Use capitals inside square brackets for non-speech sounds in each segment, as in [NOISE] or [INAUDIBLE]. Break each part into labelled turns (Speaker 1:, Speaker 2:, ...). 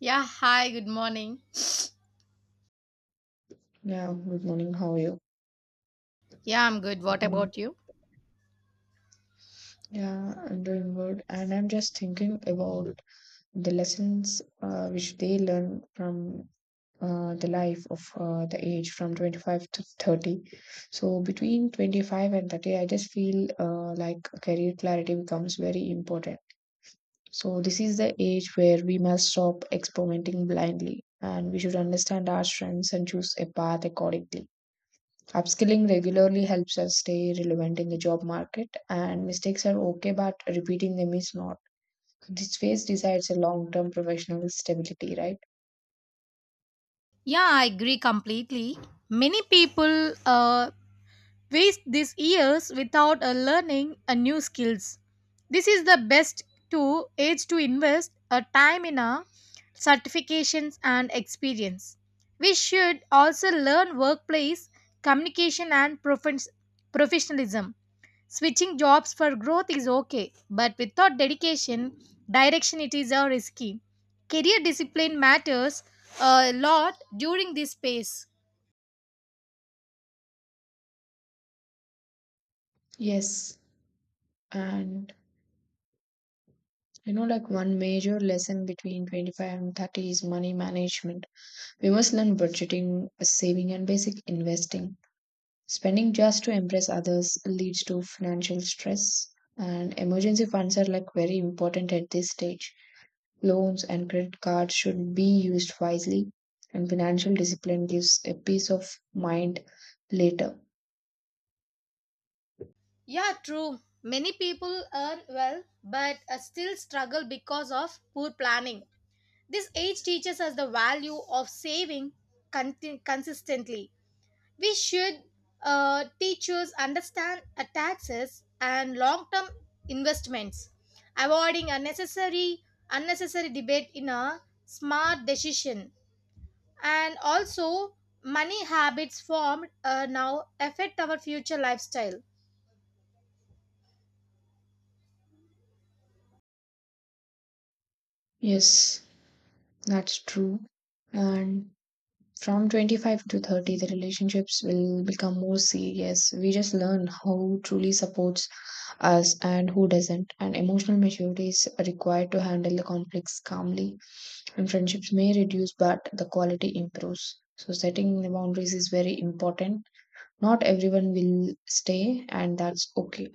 Speaker 1: Yeah, hi, good morning.
Speaker 2: Yeah, good morning. How are you?
Speaker 1: Yeah, I'm good. What
Speaker 2: Good.
Speaker 1: about you?
Speaker 2: Yeah, I'm doing good. And I'm just thinking about the lessons which they learn from the life of the age from 25 to 30. So between 25 and 30, I just feel like career clarity becomes very important. So this is the age where we must stop experimenting blindly and we should understand our strengths and choose a path accordingly. Upskilling regularly helps us stay relevant in the job market, and mistakes are okay, but repeating them is not. This phase decides a long term professional stability, right?
Speaker 1: Yeah, I agree completely. Many people waste these years without learning a new skills. This is the best to age to invest a time in a certifications and experience. We should also learn workplace communication and professionalism. Switching jobs for growth is okay, but without dedication, direction it is risky. Career discipline matters a lot during this phase.
Speaker 2: Yes. And you know, like one major lesson between 25 and 30 is money management. We must learn budgeting, saving, and basic investing. Spending just to impress others leads to financial stress, and emergency funds are like very important at this stage. Loans and credit cards should be used wisely, and financial discipline gives a peace of mind later.
Speaker 1: Yeah, true. Many people earn well but still struggle because of poor planning. This age teaches us the value of saving consistently. We should teachers understand taxes and long-term investments, avoiding unnecessary debate in a smart decision. And also money habits formed now affect our future lifestyle.
Speaker 2: Yes, that's true. And from 25 to 30, the relationships will become more serious. We just learn who truly supports us and who doesn't. And emotional maturity is required to handle the conflicts calmly. And friendships may reduce, but the quality improves. So, setting the boundaries is very important. Not everyone will stay, and that's okay.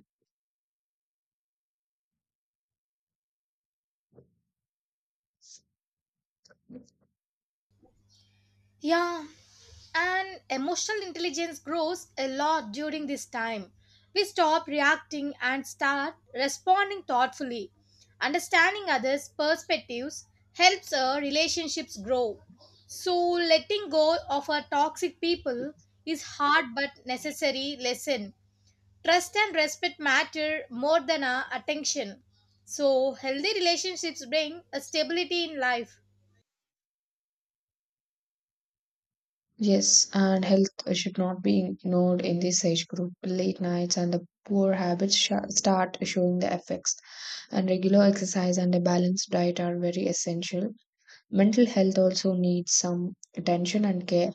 Speaker 1: Yeah, and emotional intelligence grows a lot during this time. We stop reacting and start responding thoughtfully. Understanding others perspectives helps our relationships grow. So letting go of our toxic people is hard but necessary lesson. Trust and respect matter more than our attention. So, healthy relationships bring a stability in life.
Speaker 2: Yes, and health should not be ignored in this age group. Late nights and the poor start showing the effects, and regular exercise and a balanced diet are very essential. Mental health also needs some attention and care.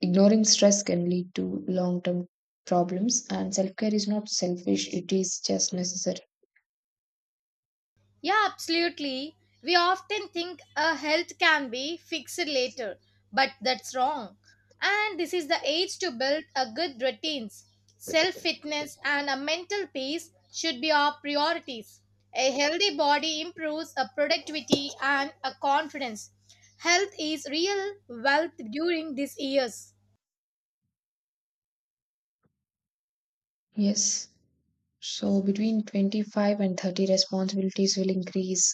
Speaker 2: Ignoring stress can lead to long term problems, and self care is not selfish, it is just necessary.
Speaker 1: Yeah, absolutely. We often think a health can be fixed later, but that's wrong. And this is the age to build a good routines. Self fitness and a mental peace should be our priorities. A healthy body improves a productivity and a confidence. Health is real wealth during these years.
Speaker 2: Yes. So between 25 and 30, responsibilities will increase,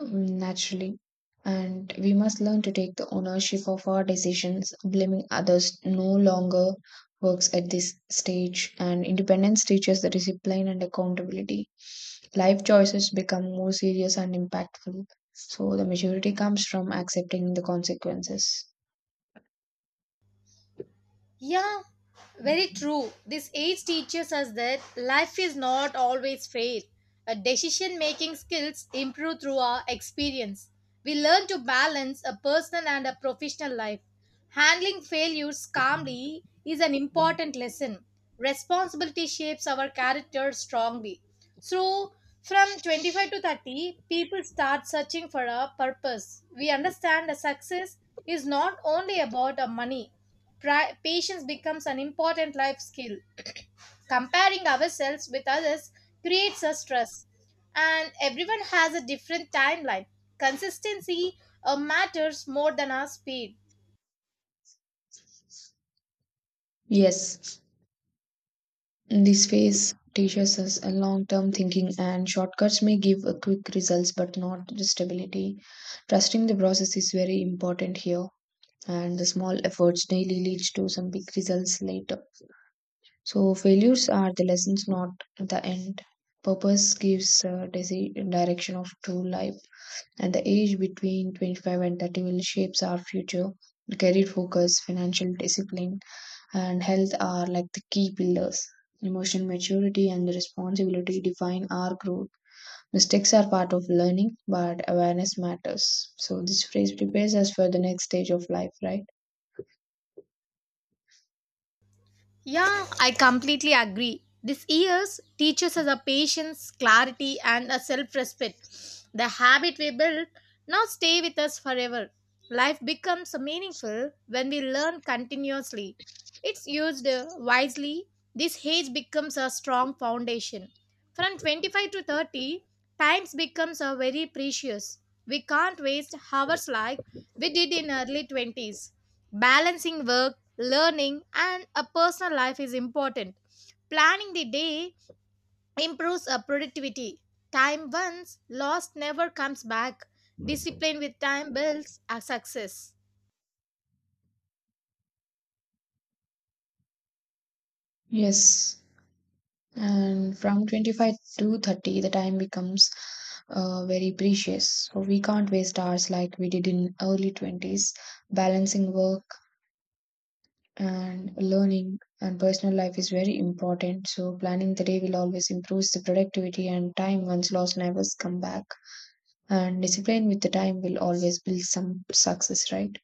Speaker 2: Naturally. And we must learn to take the ownership of our decisions. Blaming others no longer works at this stage, and independence teaches the discipline and accountability. Life choices become more serious and impactful. So the maturity comes from accepting the consequences.
Speaker 1: Yeah, very true. This age teaches us that life is not always fair. Our decision making skills improve through our experience. We learn to balance a personal and a professional life. Handling failures calmly is an important lesson. Responsibility shapes our character strongly. So, from 25 to 30, people start searching for a purpose. We understand that success is not only about a money. Patience becomes an important life skill. [CLEARS THROAT] Comparing ourselves with others creates a stress, and everyone has a different timeline. Consistency matters more than our speed.
Speaker 2: Yes, this phase teaches us a long-term thinking, and shortcuts may give a quick results but not the stability. Trusting the process is very important here. And the small efforts daily leads to some big results later. So failures are the lessons, not the end. Purpose gives direction of true life, and the age between 25 and 30 will shapes our future. Career focus, financial discipline, and health are like the key pillars. Emotional maturity and responsibility define our growth. Mistakes are part of learning, but awareness matters. So, this phrase prepares us for the next stage of life, right?
Speaker 1: Yeah, I completely agree. This year's teaches us a patience, clarity, and a self-respect. The habit we build now stay with us forever. Life becomes meaningful when we learn continuously. It's used wisely. This age becomes a strong foundation. From 25 to 30, times becomes a very precious. We can't waste hours like we did in early 20s. Balancing work, learning, and a personal life is important. Planning the day improves our productivity. Time once lost never comes back. Discipline with time builds our success.
Speaker 2: Yes. And from 25 to 30, the time becomes very precious, so we can't waste hours like we did in early 20s. Balancing work and learning and personal life is very important, so planning the day will always improve the productivity, and time once lost never come back. And discipline with the time will always build some success, right?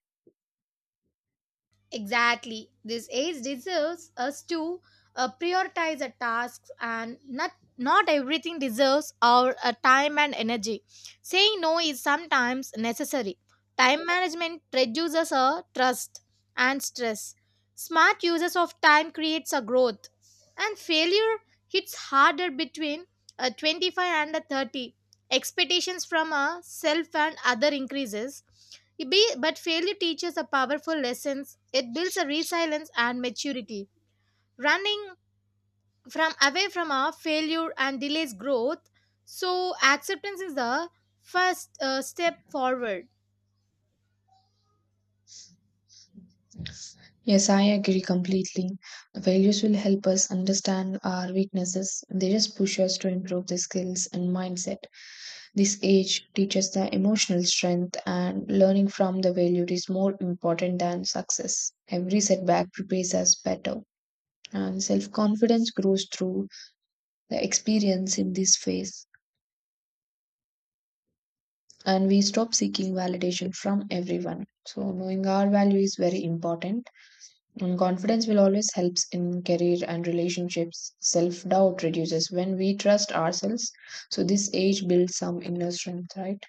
Speaker 1: Exactly. This age deserves us to prioritize the tasks and not everything deserves our time and energy. Saying no is sometimes necessary. Time management reduces our trust and stress. Smart uses of time creates a growth. And failure hits harder between 25 and 30. Expectations from a self and other increases but failure teaches a powerful lessons. It builds a resilience and maturity. Running from away from our failure and delays growth. So acceptance is the first step forward.
Speaker 2: Yes, I agree completely. Values will help us understand our weaknesses. They just push us to improve the skills and mindset. This age teaches the emotional strength, and learning from the failure is more important than success. Every setback prepares us better, and self-confidence grows through the experience in this phase, and we stop seeking validation from everyone. So knowing our value is very important, and confidence will always helps in career and relationships. Self-doubt reduces when we trust ourselves. So this age builds some inner strength, right?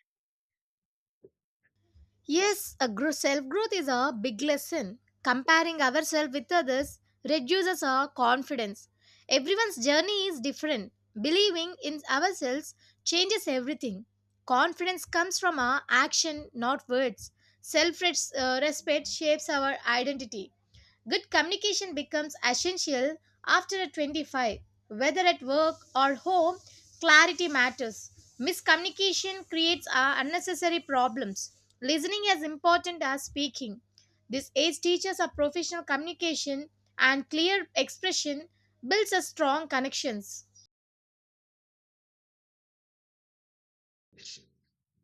Speaker 1: Yes, a self growth is a big lesson. Comparing ourselves with others reduces our confidence. Everyone's journey is different. Believing in ourselves changes everything. Confidence comes from our action, not words. Self respect shapes our identity. Good communication becomes essential after a 25, whether at work or home, clarity matters. Miscommunication creates unnecessary problems. Listening is important as speaking. This age teaches a professional communication and clear expression builds a strong connections.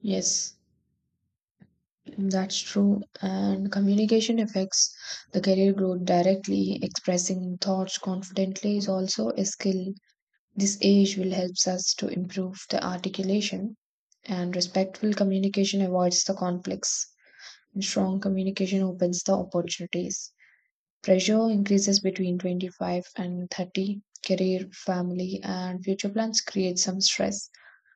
Speaker 2: Yes. That's true. And communication affects the career growth directly. Expressing thoughts confidently is also a skill. This age will help us to improve the articulation, and respectful communication avoids the conflicts. And strong communication opens the opportunities. Pressure increases between 25 and 30. Career, family, and future plans create some stress.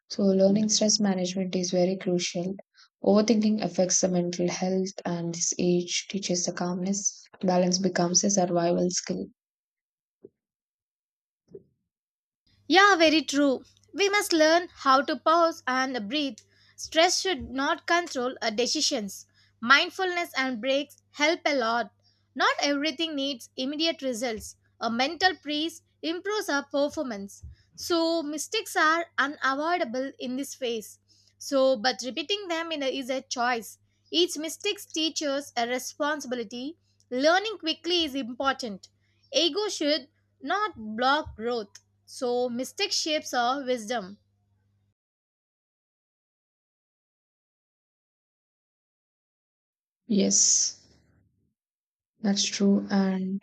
Speaker 2: So, learning stress management is very crucial. Overthinking affects the mental health, and this age teaches the calmness. Balance becomes a survival skill.
Speaker 1: Yeah, very true. We must learn how to pause and breathe. Stress should not control our decisions. Mindfulness and breaks help a lot. Not everything needs immediate results. A mental freeze improves our performance. So, mistakes are unavoidable in this phase. So, but repeating them in a, is a choice. Each mistake teaches a responsibility. Learning quickly is important. Ego should not block growth. So, mystic shapes our wisdom.
Speaker 2: Yes, that's true. And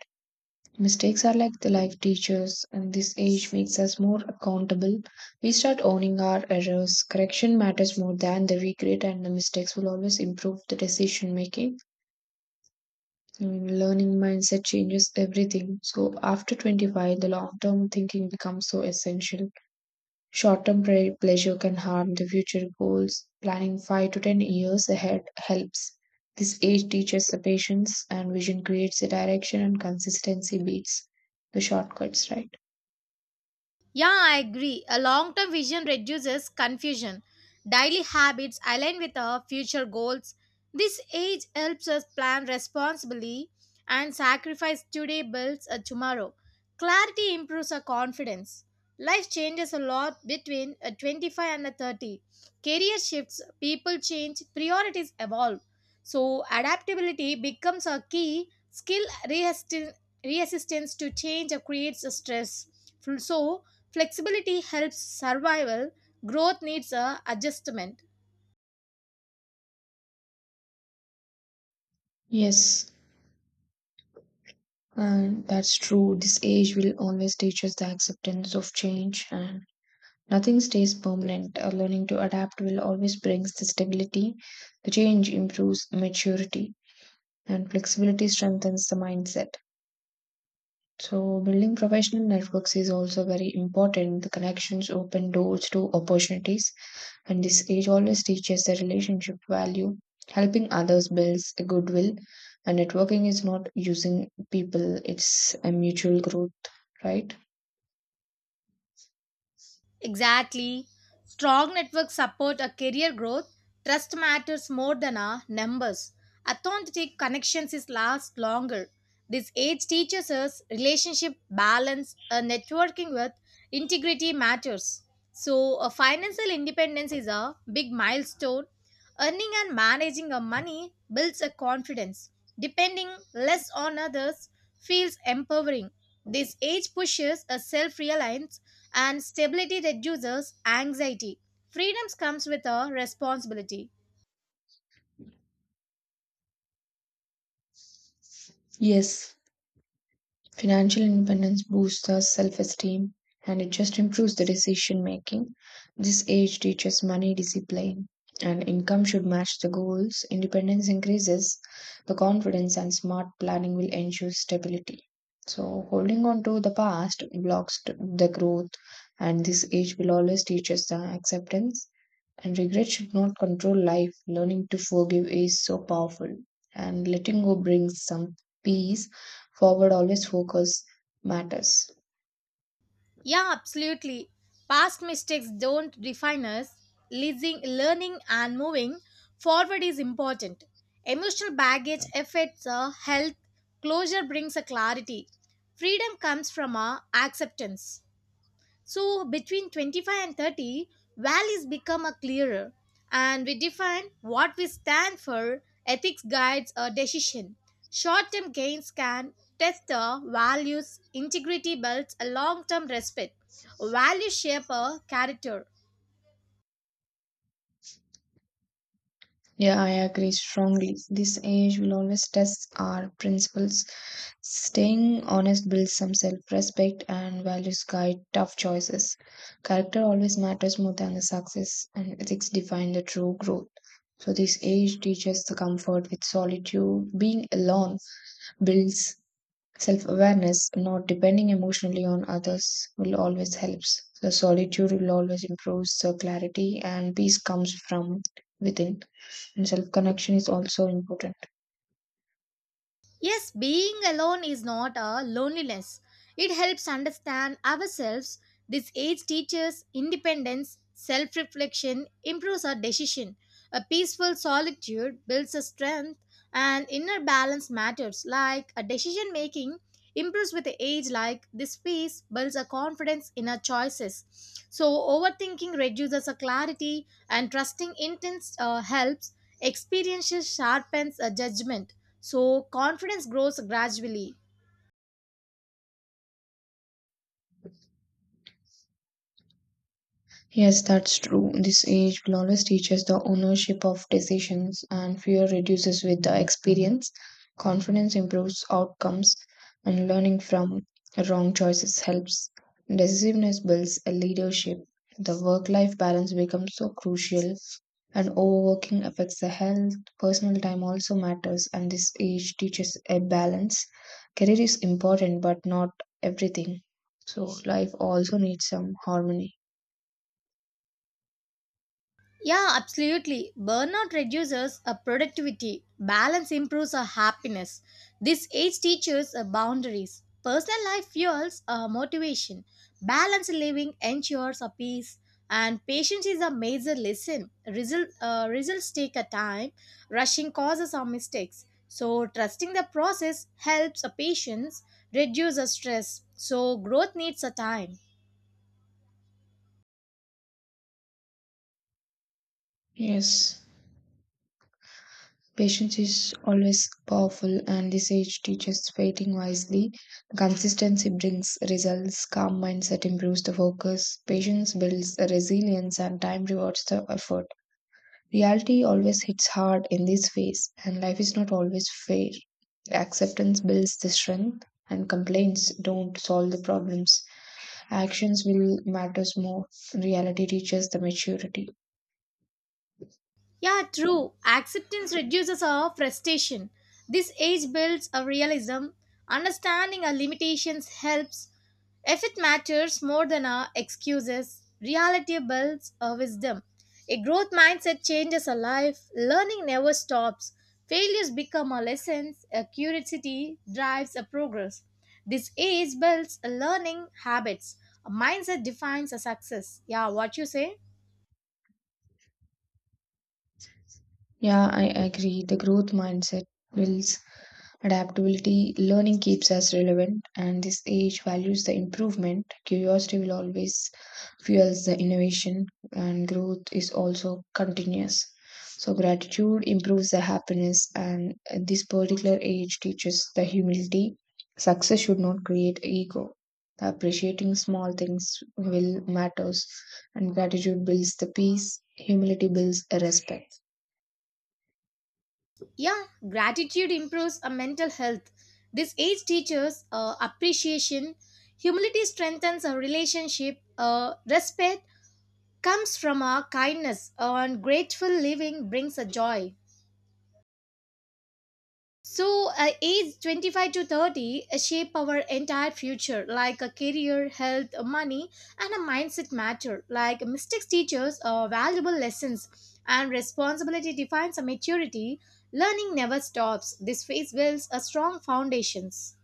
Speaker 2: mistakes are like the life teachers, and this age makes us more accountable. We start owning our errors. Correction matters more than the regret, and the mistakes will always improve the decision making. And learning mindset changes everything. So after 25, the long term thinking becomes so essential. Short term pleasure can harm the future goals. Planning 5 to 10 years ahead helps. This age teaches the patience, and vision creates a direction, and consistency beats the shortcuts, right?
Speaker 1: Yeah, I agree. A long term vision reduces confusion. Daily habits align with our future goals. This age helps us plan responsibly and sacrifice today builds a tomorrow. Clarity improves our confidence. Life changes a lot between a 25 and a 30. Career shifts, people change, priorities evolve. So, adaptability becomes a key skill resistance to change creates stress. So, flexibility helps survival, growth needs a adjustment.
Speaker 2: Yes, and that's true. This age will always teach us the acceptance of change, and nothing stays permanent. Learning to adapt will always brings the stability. The change improves maturity, and flexibility strengthens the mindset. So building professional networks is also very important. The connections open doors to opportunities, and this age always teaches the relationship value. Helping others builds a goodwill, and networking is not using people, it's a mutual growth, right?
Speaker 1: Exactly. Strong networks support a career growth. Trust matters more than our numbers. Authentic connections is last longer. This age teaches us relationship balance, networking with integrity matters. So, financial independence is a big milestone. Earning and managing our money builds a confidence. Depending less on others feels empowering. This age pushes a self-reliance and stability reduces anxiety. Freedoms comes with a responsibility.
Speaker 2: Yes, financial independence boosts the self esteem, and it just improves the decision making. This age teaches money discipline, and income should match the goals. Independence increases the confidence, and smart planning will ensure stability. So, holding on to the past the growth, and this age will always teach us the acceptance. And regret should not control life. Learning to forgive is so powerful. And letting go brings some peace. Forward always focus matters.
Speaker 1: Yeah, absolutely. Past mistakes don't define us. Leasing, learning and moving forward is important. Emotional baggage affects our health. Closure brings a clarity. Freedom comes from our acceptance. So between 25 and 30, values become a clearer and we define what we stand for. Ethics guides a decision. Short-term gains can test the values, integrity builds a long-term respect. Values shape a character.
Speaker 2: Yeah, I agree strongly. This age will always test our principles. Staying honest builds some self respect, and values guide tough choices. Character always matters more than the success, and ethics define the true growth. So, this age teaches the comfort with solitude. Being alone builds self awareness. Not depending emotionally on others will always helps. The solitude will always improve the clarity, and peace comes from within. And self connection is also important.
Speaker 1: Yes, being alone is not a loneliness. It helps understand ourselves. This age teaches independence, self reflection, improves our decision. A peaceful solitude builds a strength, and inner balance matters. Like a decision making improves with the age, like this peace builds a confidence in our choices. So, overthinking reduces our clarity, and trusting intense helps. Experiences sharpens a judgment so confidence grows gradually.
Speaker 2: Yes, that's true. This age will always teach us the ownership of decisions, and fear reduces with the experience. Confidence improves outcomes, and learning from wrong choices helps. Decisiveness builds a leadership. The work life balance becomes so crucial, and overworking affects the health. Personal time also matters, and this age teaches a balance. Career is important, but not everything. So, life also needs some harmony.
Speaker 1: Yeah, absolutely. Burnout reduces our productivity. Balance improves our happiness. This age teaches our boundaries. Personal life fuels our motivation. Balanced living ensures our peace. And patience is a major lesson. Results take a time. Rushing causes our mistakes. So trusting the process helps our patience reduce our stress. So growth needs a time.
Speaker 2: Yes, patience is always powerful, and this age teaches waiting wisely. Consistency brings results, calm mindset improves the focus, patience builds resilience, and time rewards the effort. Reality always hits hard in this phase, and life is not always fair. Acceptance builds the strength, and complaints don't solve the problems. Actions will matters more. Reality teaches the maturity.
Speaker 1: Yeah, true. Acceptance reduces our frustration. This age builds a realism. Understanding our limitations helps. If it matters more than our excuses, reality builds our wisdom. A growth mindset changes our life. Learning never stops. Failures become our lessons. A curiosity drives a progress. This age builds a learning habits. A mindset defines a success. Yeah, what you say?
Speaker 2: Yeah, I agree. The growth mindset will adaptability, learning keeps us relevant, and this age values the improvement. Curiosity will always fuels the innovation, and growth is also continuous. So, gratitude improves the happiness, and this particular age teaches the humility. Success should not create ego. Appreciating small things will matters, and gratitude builds the peace. Humility builds a respect.
Speaker 1: Yeah, gratitude improves our mental health. This age teaches appreciation. Humility strengthens our relationship. Respect comes from our kindness, and grateful living brings a joy. So, age 25 to 30 shape our entire future, like a career, health, money, and a mindset matter. Like mistakes teach us valuable lessons, and responsibility defines a maturity. Learning never stops. This phase builds a strong foundations.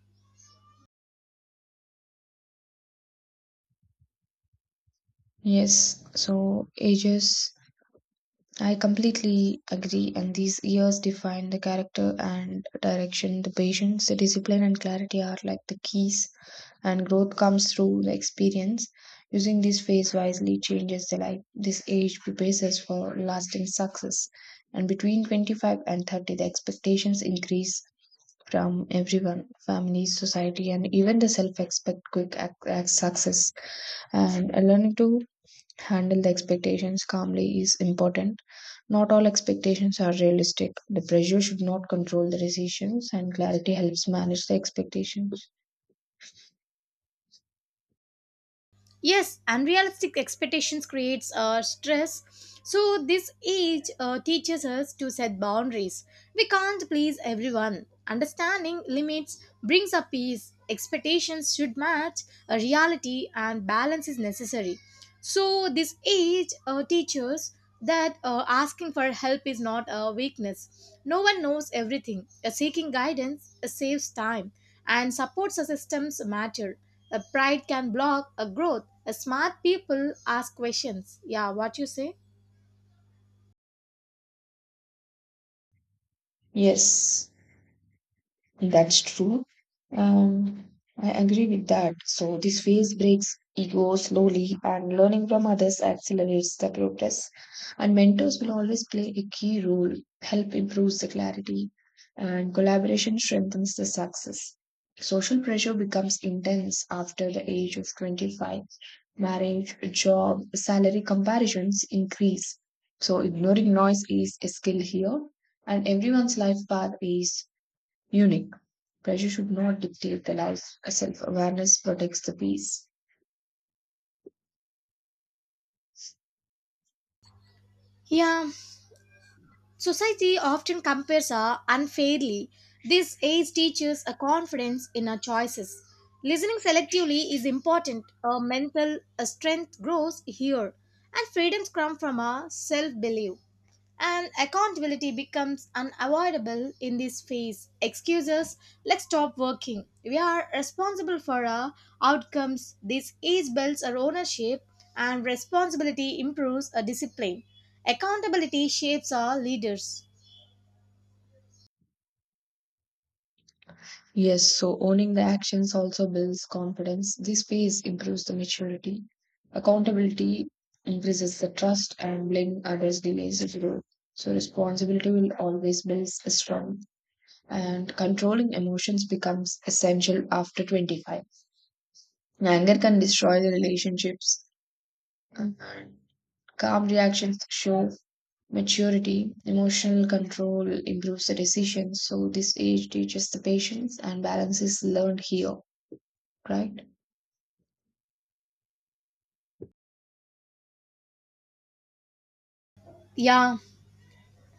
Speaker 2: Yes, so ages I completely agree, and these years define the character and direction. The patience, the discipline, and clarity are like the keys, and growth comes through the experience. Using this phase wisely changes the life. This age prepares us for lasting success. And between 25 and 30, the expectations increase from everyone families, society, and even the self expect quick success, and learning to handle the expectations calmly is important. Not all expectations are realistic. The pressure should not control the decisions, and clarity helps manage the expectations.
Speaker 1: Yes, unrealistic expectations creates stress. So this age teaches us to set boundaries. We can't please everyone. Understanding limits brings a peace. Expectations should match a reality and balance is necessary. So this age teaches that asking for help is not a weakness. No one knows everything. Seeking guidance saves time and supports systems matter. A pride can block a growth. A smart people ask questions. Yeah, what you say?
Speaker 2: Yes. That's true. Um, I agree with that. So this phase breaks ego slowly, and learning from others accelerates the progress. And mentors will always play a key role, help improves the clarity, and collaboration strengthens the success. Social pressure becomes intense after the age of 25. Marriage, job, salary comparisons increase. So ignoring noise is a skill here, and everyone's life path is Munich. Pressure should not dictate the life. Self awareness protects the peace.
Speaker 1: Yeah, society often compares her unfairly. This age teaches a confidence in her choices. Listening selectively is important. Her mental strength grows here, and freedoms come from her self belief. And accountability becomes unavoidable in this phase. Excuses, let's stop working. We are responsible for our outcomes. This ease builds our ownership, and responsibility improves our discipline. Accountability shapes our leaders.
Speaker 2: Yes, so owning the actions also builds confidence. This phase improves the maturity. Accountability increases the trust, and blaming others delays the growth. So, responsibility will always build a strong. And controlling emotions becomes essential after 25. Anger can destroy the relationships, and calm reactions show maturity, emotional control improves the decision. So, this age teaches the patience, and balance is learned here, right?
Speaker 1: Yeah,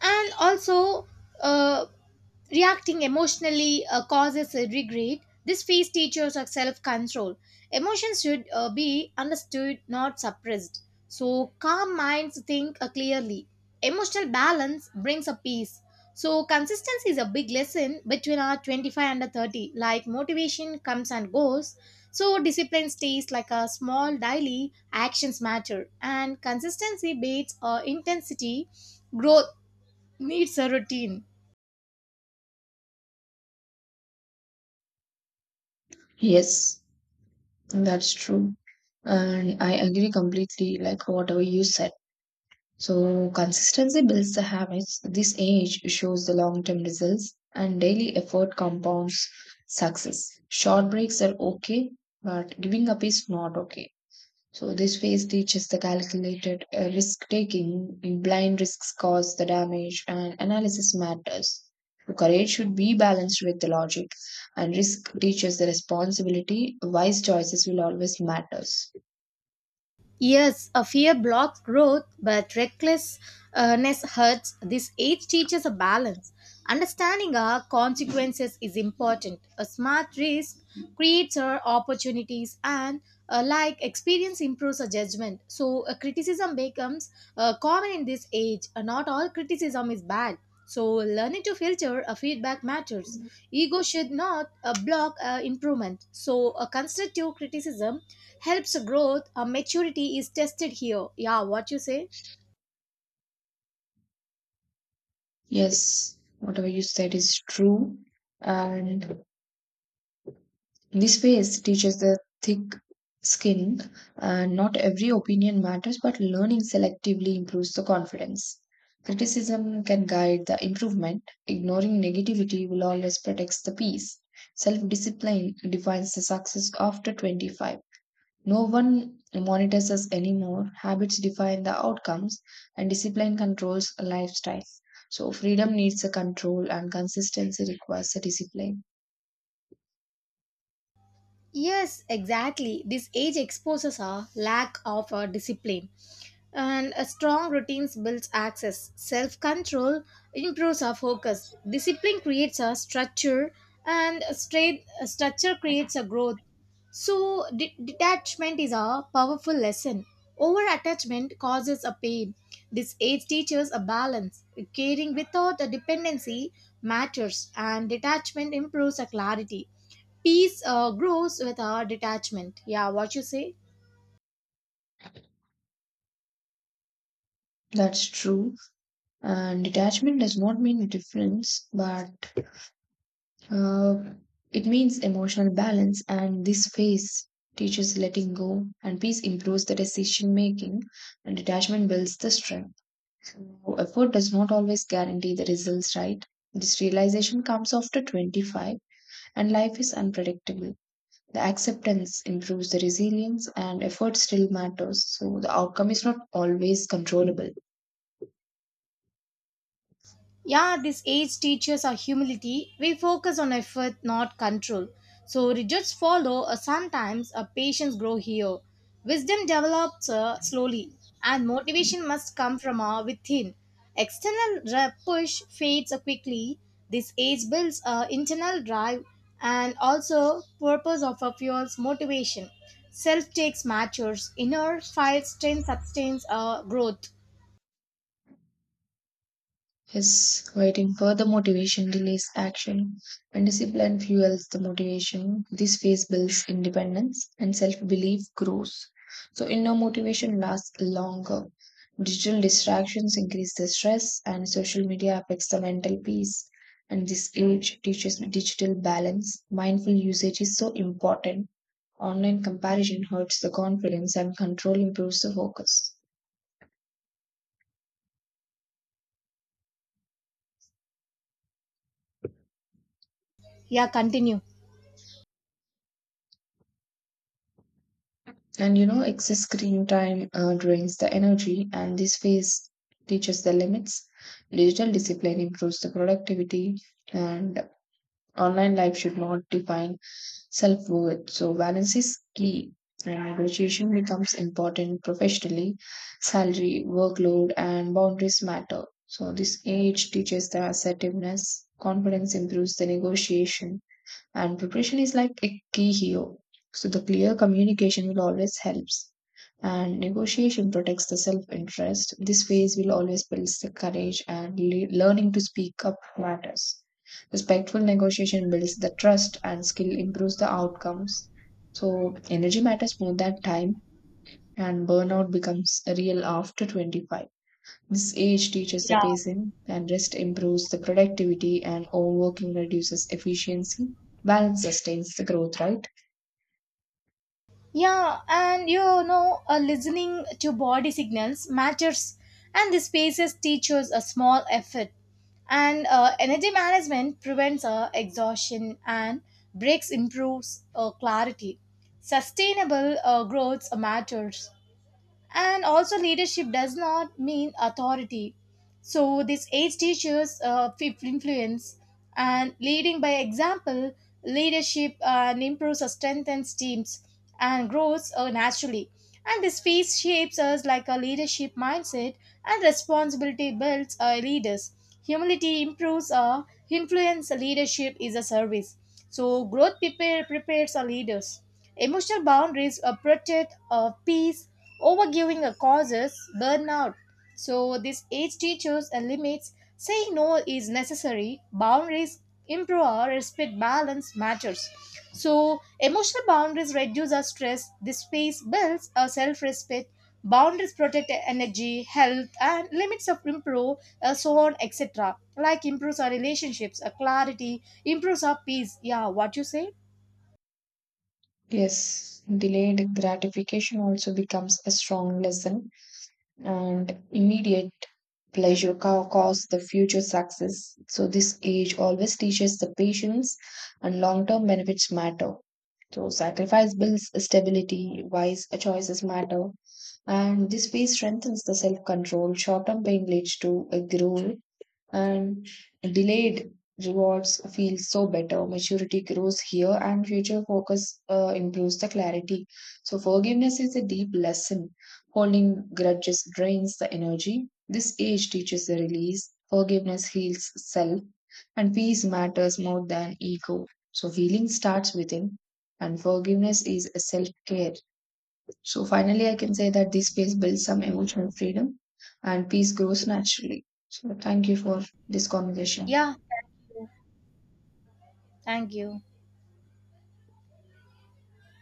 Speaker 1: and also uh, reacting emotionally causes a regret. This phase teaches us self-control. Emotions should be understood not suppressed. So calm minds think clearly. Emotional balance brings a peace. So consistency is a big lesson between our 25 and our 30, like motivation comes and goes. So discipline stays, like a small daily actions matter and consistency beats intensity. Growth needs a routine.
Speaker 2: Yes, that's true. And I agree completely, like whatever you said. So consistency builds the habits. This age shows the long-term results, and daily effort compounds success. Short breaks are okay, but giving up is not okay. So this phase teaches the calculated risk taking, blind risks cause the damage, and analysis matters. So courage should be balanced with the logic, and risk teaches the responsibility. Wise choices will always matters.
Speaker 1: Yes, a fear blocks growth, but recklessness hurts. This age teaches a balance. Understanding our consequences is important. A smart risk creates our opportunities, and like experience improves our judgment. So, criticism becomes common in this age. Not all criticism is bad. So, learning to filter a feedback matters. Ego should not block improvement. So, a constructive criticism helps growth. A maturity is tested here. Yeah, what you say?
Speaker 2: Yes, whatever you said is true. And this phase teaches the thick skin. And not every opinion matters, but learning selectively improves the confidence. Criticism can guide the improvement. Ignoring negativity will always protect the peace. Self discipline defines the success after 25. No one monitors us anymore. Habits define the outcomes, and discipline controls a lifestyle. So, freedom needs a control, and consistency requires a discipline.
Speaker 1: Yes, exactly. This age exposes a lack of discipline, and a strong routines builds access. Self control improves our focus. Discipline creates a structure, and a straight a structure creates a growth. So, detachment is a powerful lesson. Over attachment causes a pain. This age teaches a balance. Caring without a dependency matters, and detachment improves a clarity. Peace grows with our detachment. Yeah, what you say?
Speaker 2: That's true. And detachment does not mean difference, but uh, it means emotional balance. And this phase teaches letting go, and peace improves the decision making, and detachment builds the strength. So effort does not always guarantee the results, right? This realization comes after 25, and life is unpredictable. The acceptance improves the resilience, and effort still matters. So, the outcome is not always controllable.
Speaker 1: Yeah, this age teaches our humility. We focus on effort, not control. So results follow, or sometimes our patience grow here. Wisdom develops slowly, and motivation must come from our within. Push fades quickly. This age builds internal drive and also purpose of our fuels motivation. Self takes matures, inner fire strength sustains growth.
Speaker 2: Yes, waiting for the motivation delays action. When discipline fuels the motivation, this phase builds independence, and self belief grows. So, inner motivation lasts longer. Digital distractions increase the stress, and social media affects the mental peace. And this age teaches digital balance. Mindful usage is so important. Online comparison hurts the confidence, and control improves the focus.
Speaker 1: Yeah, continue.
Speaker 2: And you know, excess screen time drains the energy, and this phase teaches the limits. Digital discipline improves the productivity, and online life should not define self worth. So, balance is key, and negotiation becomes important professionally. Salary, workload, and boundaries matter. So, this age teaches the assertiveness, confidence improves the negotiation, and preparation is like a key here, so the clear communication will always helps, and negotiation protects the self-interest. This phase will always builds the courage, and learning to speak up matters. Respectful negotiation builds the trust, and skill improves the outcomes. So energy matters more than time, and burnout becomes real after 25. This age teaches the
Speaker 1: Yeah.
Speaker 2: patience, and rest improves the productivity, and overworking reduces efficiency. Balance sustains the growth, right?
Speaker 1: Yeah, and you know, listening to body signals matters, and the spaces teaches a small effort. And energy management prevents exhaustion, and breaks improves clarity. Sustainable growth matters. And also leadership does not mean authority, so this age teaches fifth influence and leading by example. Leadership and improves or strengthens teams and grows naturally. And this phase shapes us like a leadership mindset, and responsibility builds our leaders. Humility improves our influence. Leadership is a service. So growth prepares our leaders. Emotional boundaries protect peace. Overgiving causes burnout. So, this age teaches and limits. Saying no is necessary. Boundaries improve our respect balance matters. So, emotional boundaries reduce our stress. This space builds our self respect. Boundaries protect our energy, health, and limits of improve, so on, etc. Like improves our relationships, our clarity, improves our peace. Yeah, what you say?
Speaker 2: Yes, delayed gratification also becomes a strong lesson, and immediate pleasure cause the future success. So, this age always teaches the patience, and long term benefits matter. So, sacrifice builds stability, wise choices matter, and this phase strengthens the self control. Short term pain leads to a growth, and delayed rewards feel so better. Maturity grows here, and future focus improves the clarity. So, forgiveness is a deep lesson. Holding grudges drains the energy. This age teaches the release. Forgiveness heals self, and peace matters more than ego. So, healing starts within, and forgiveness is a self care. So finally, I can say that this space builds some emotional freedom, and peace grows naturally. So thank you for this conversation.
Speaker 1: Yeah, thank you. Thank you.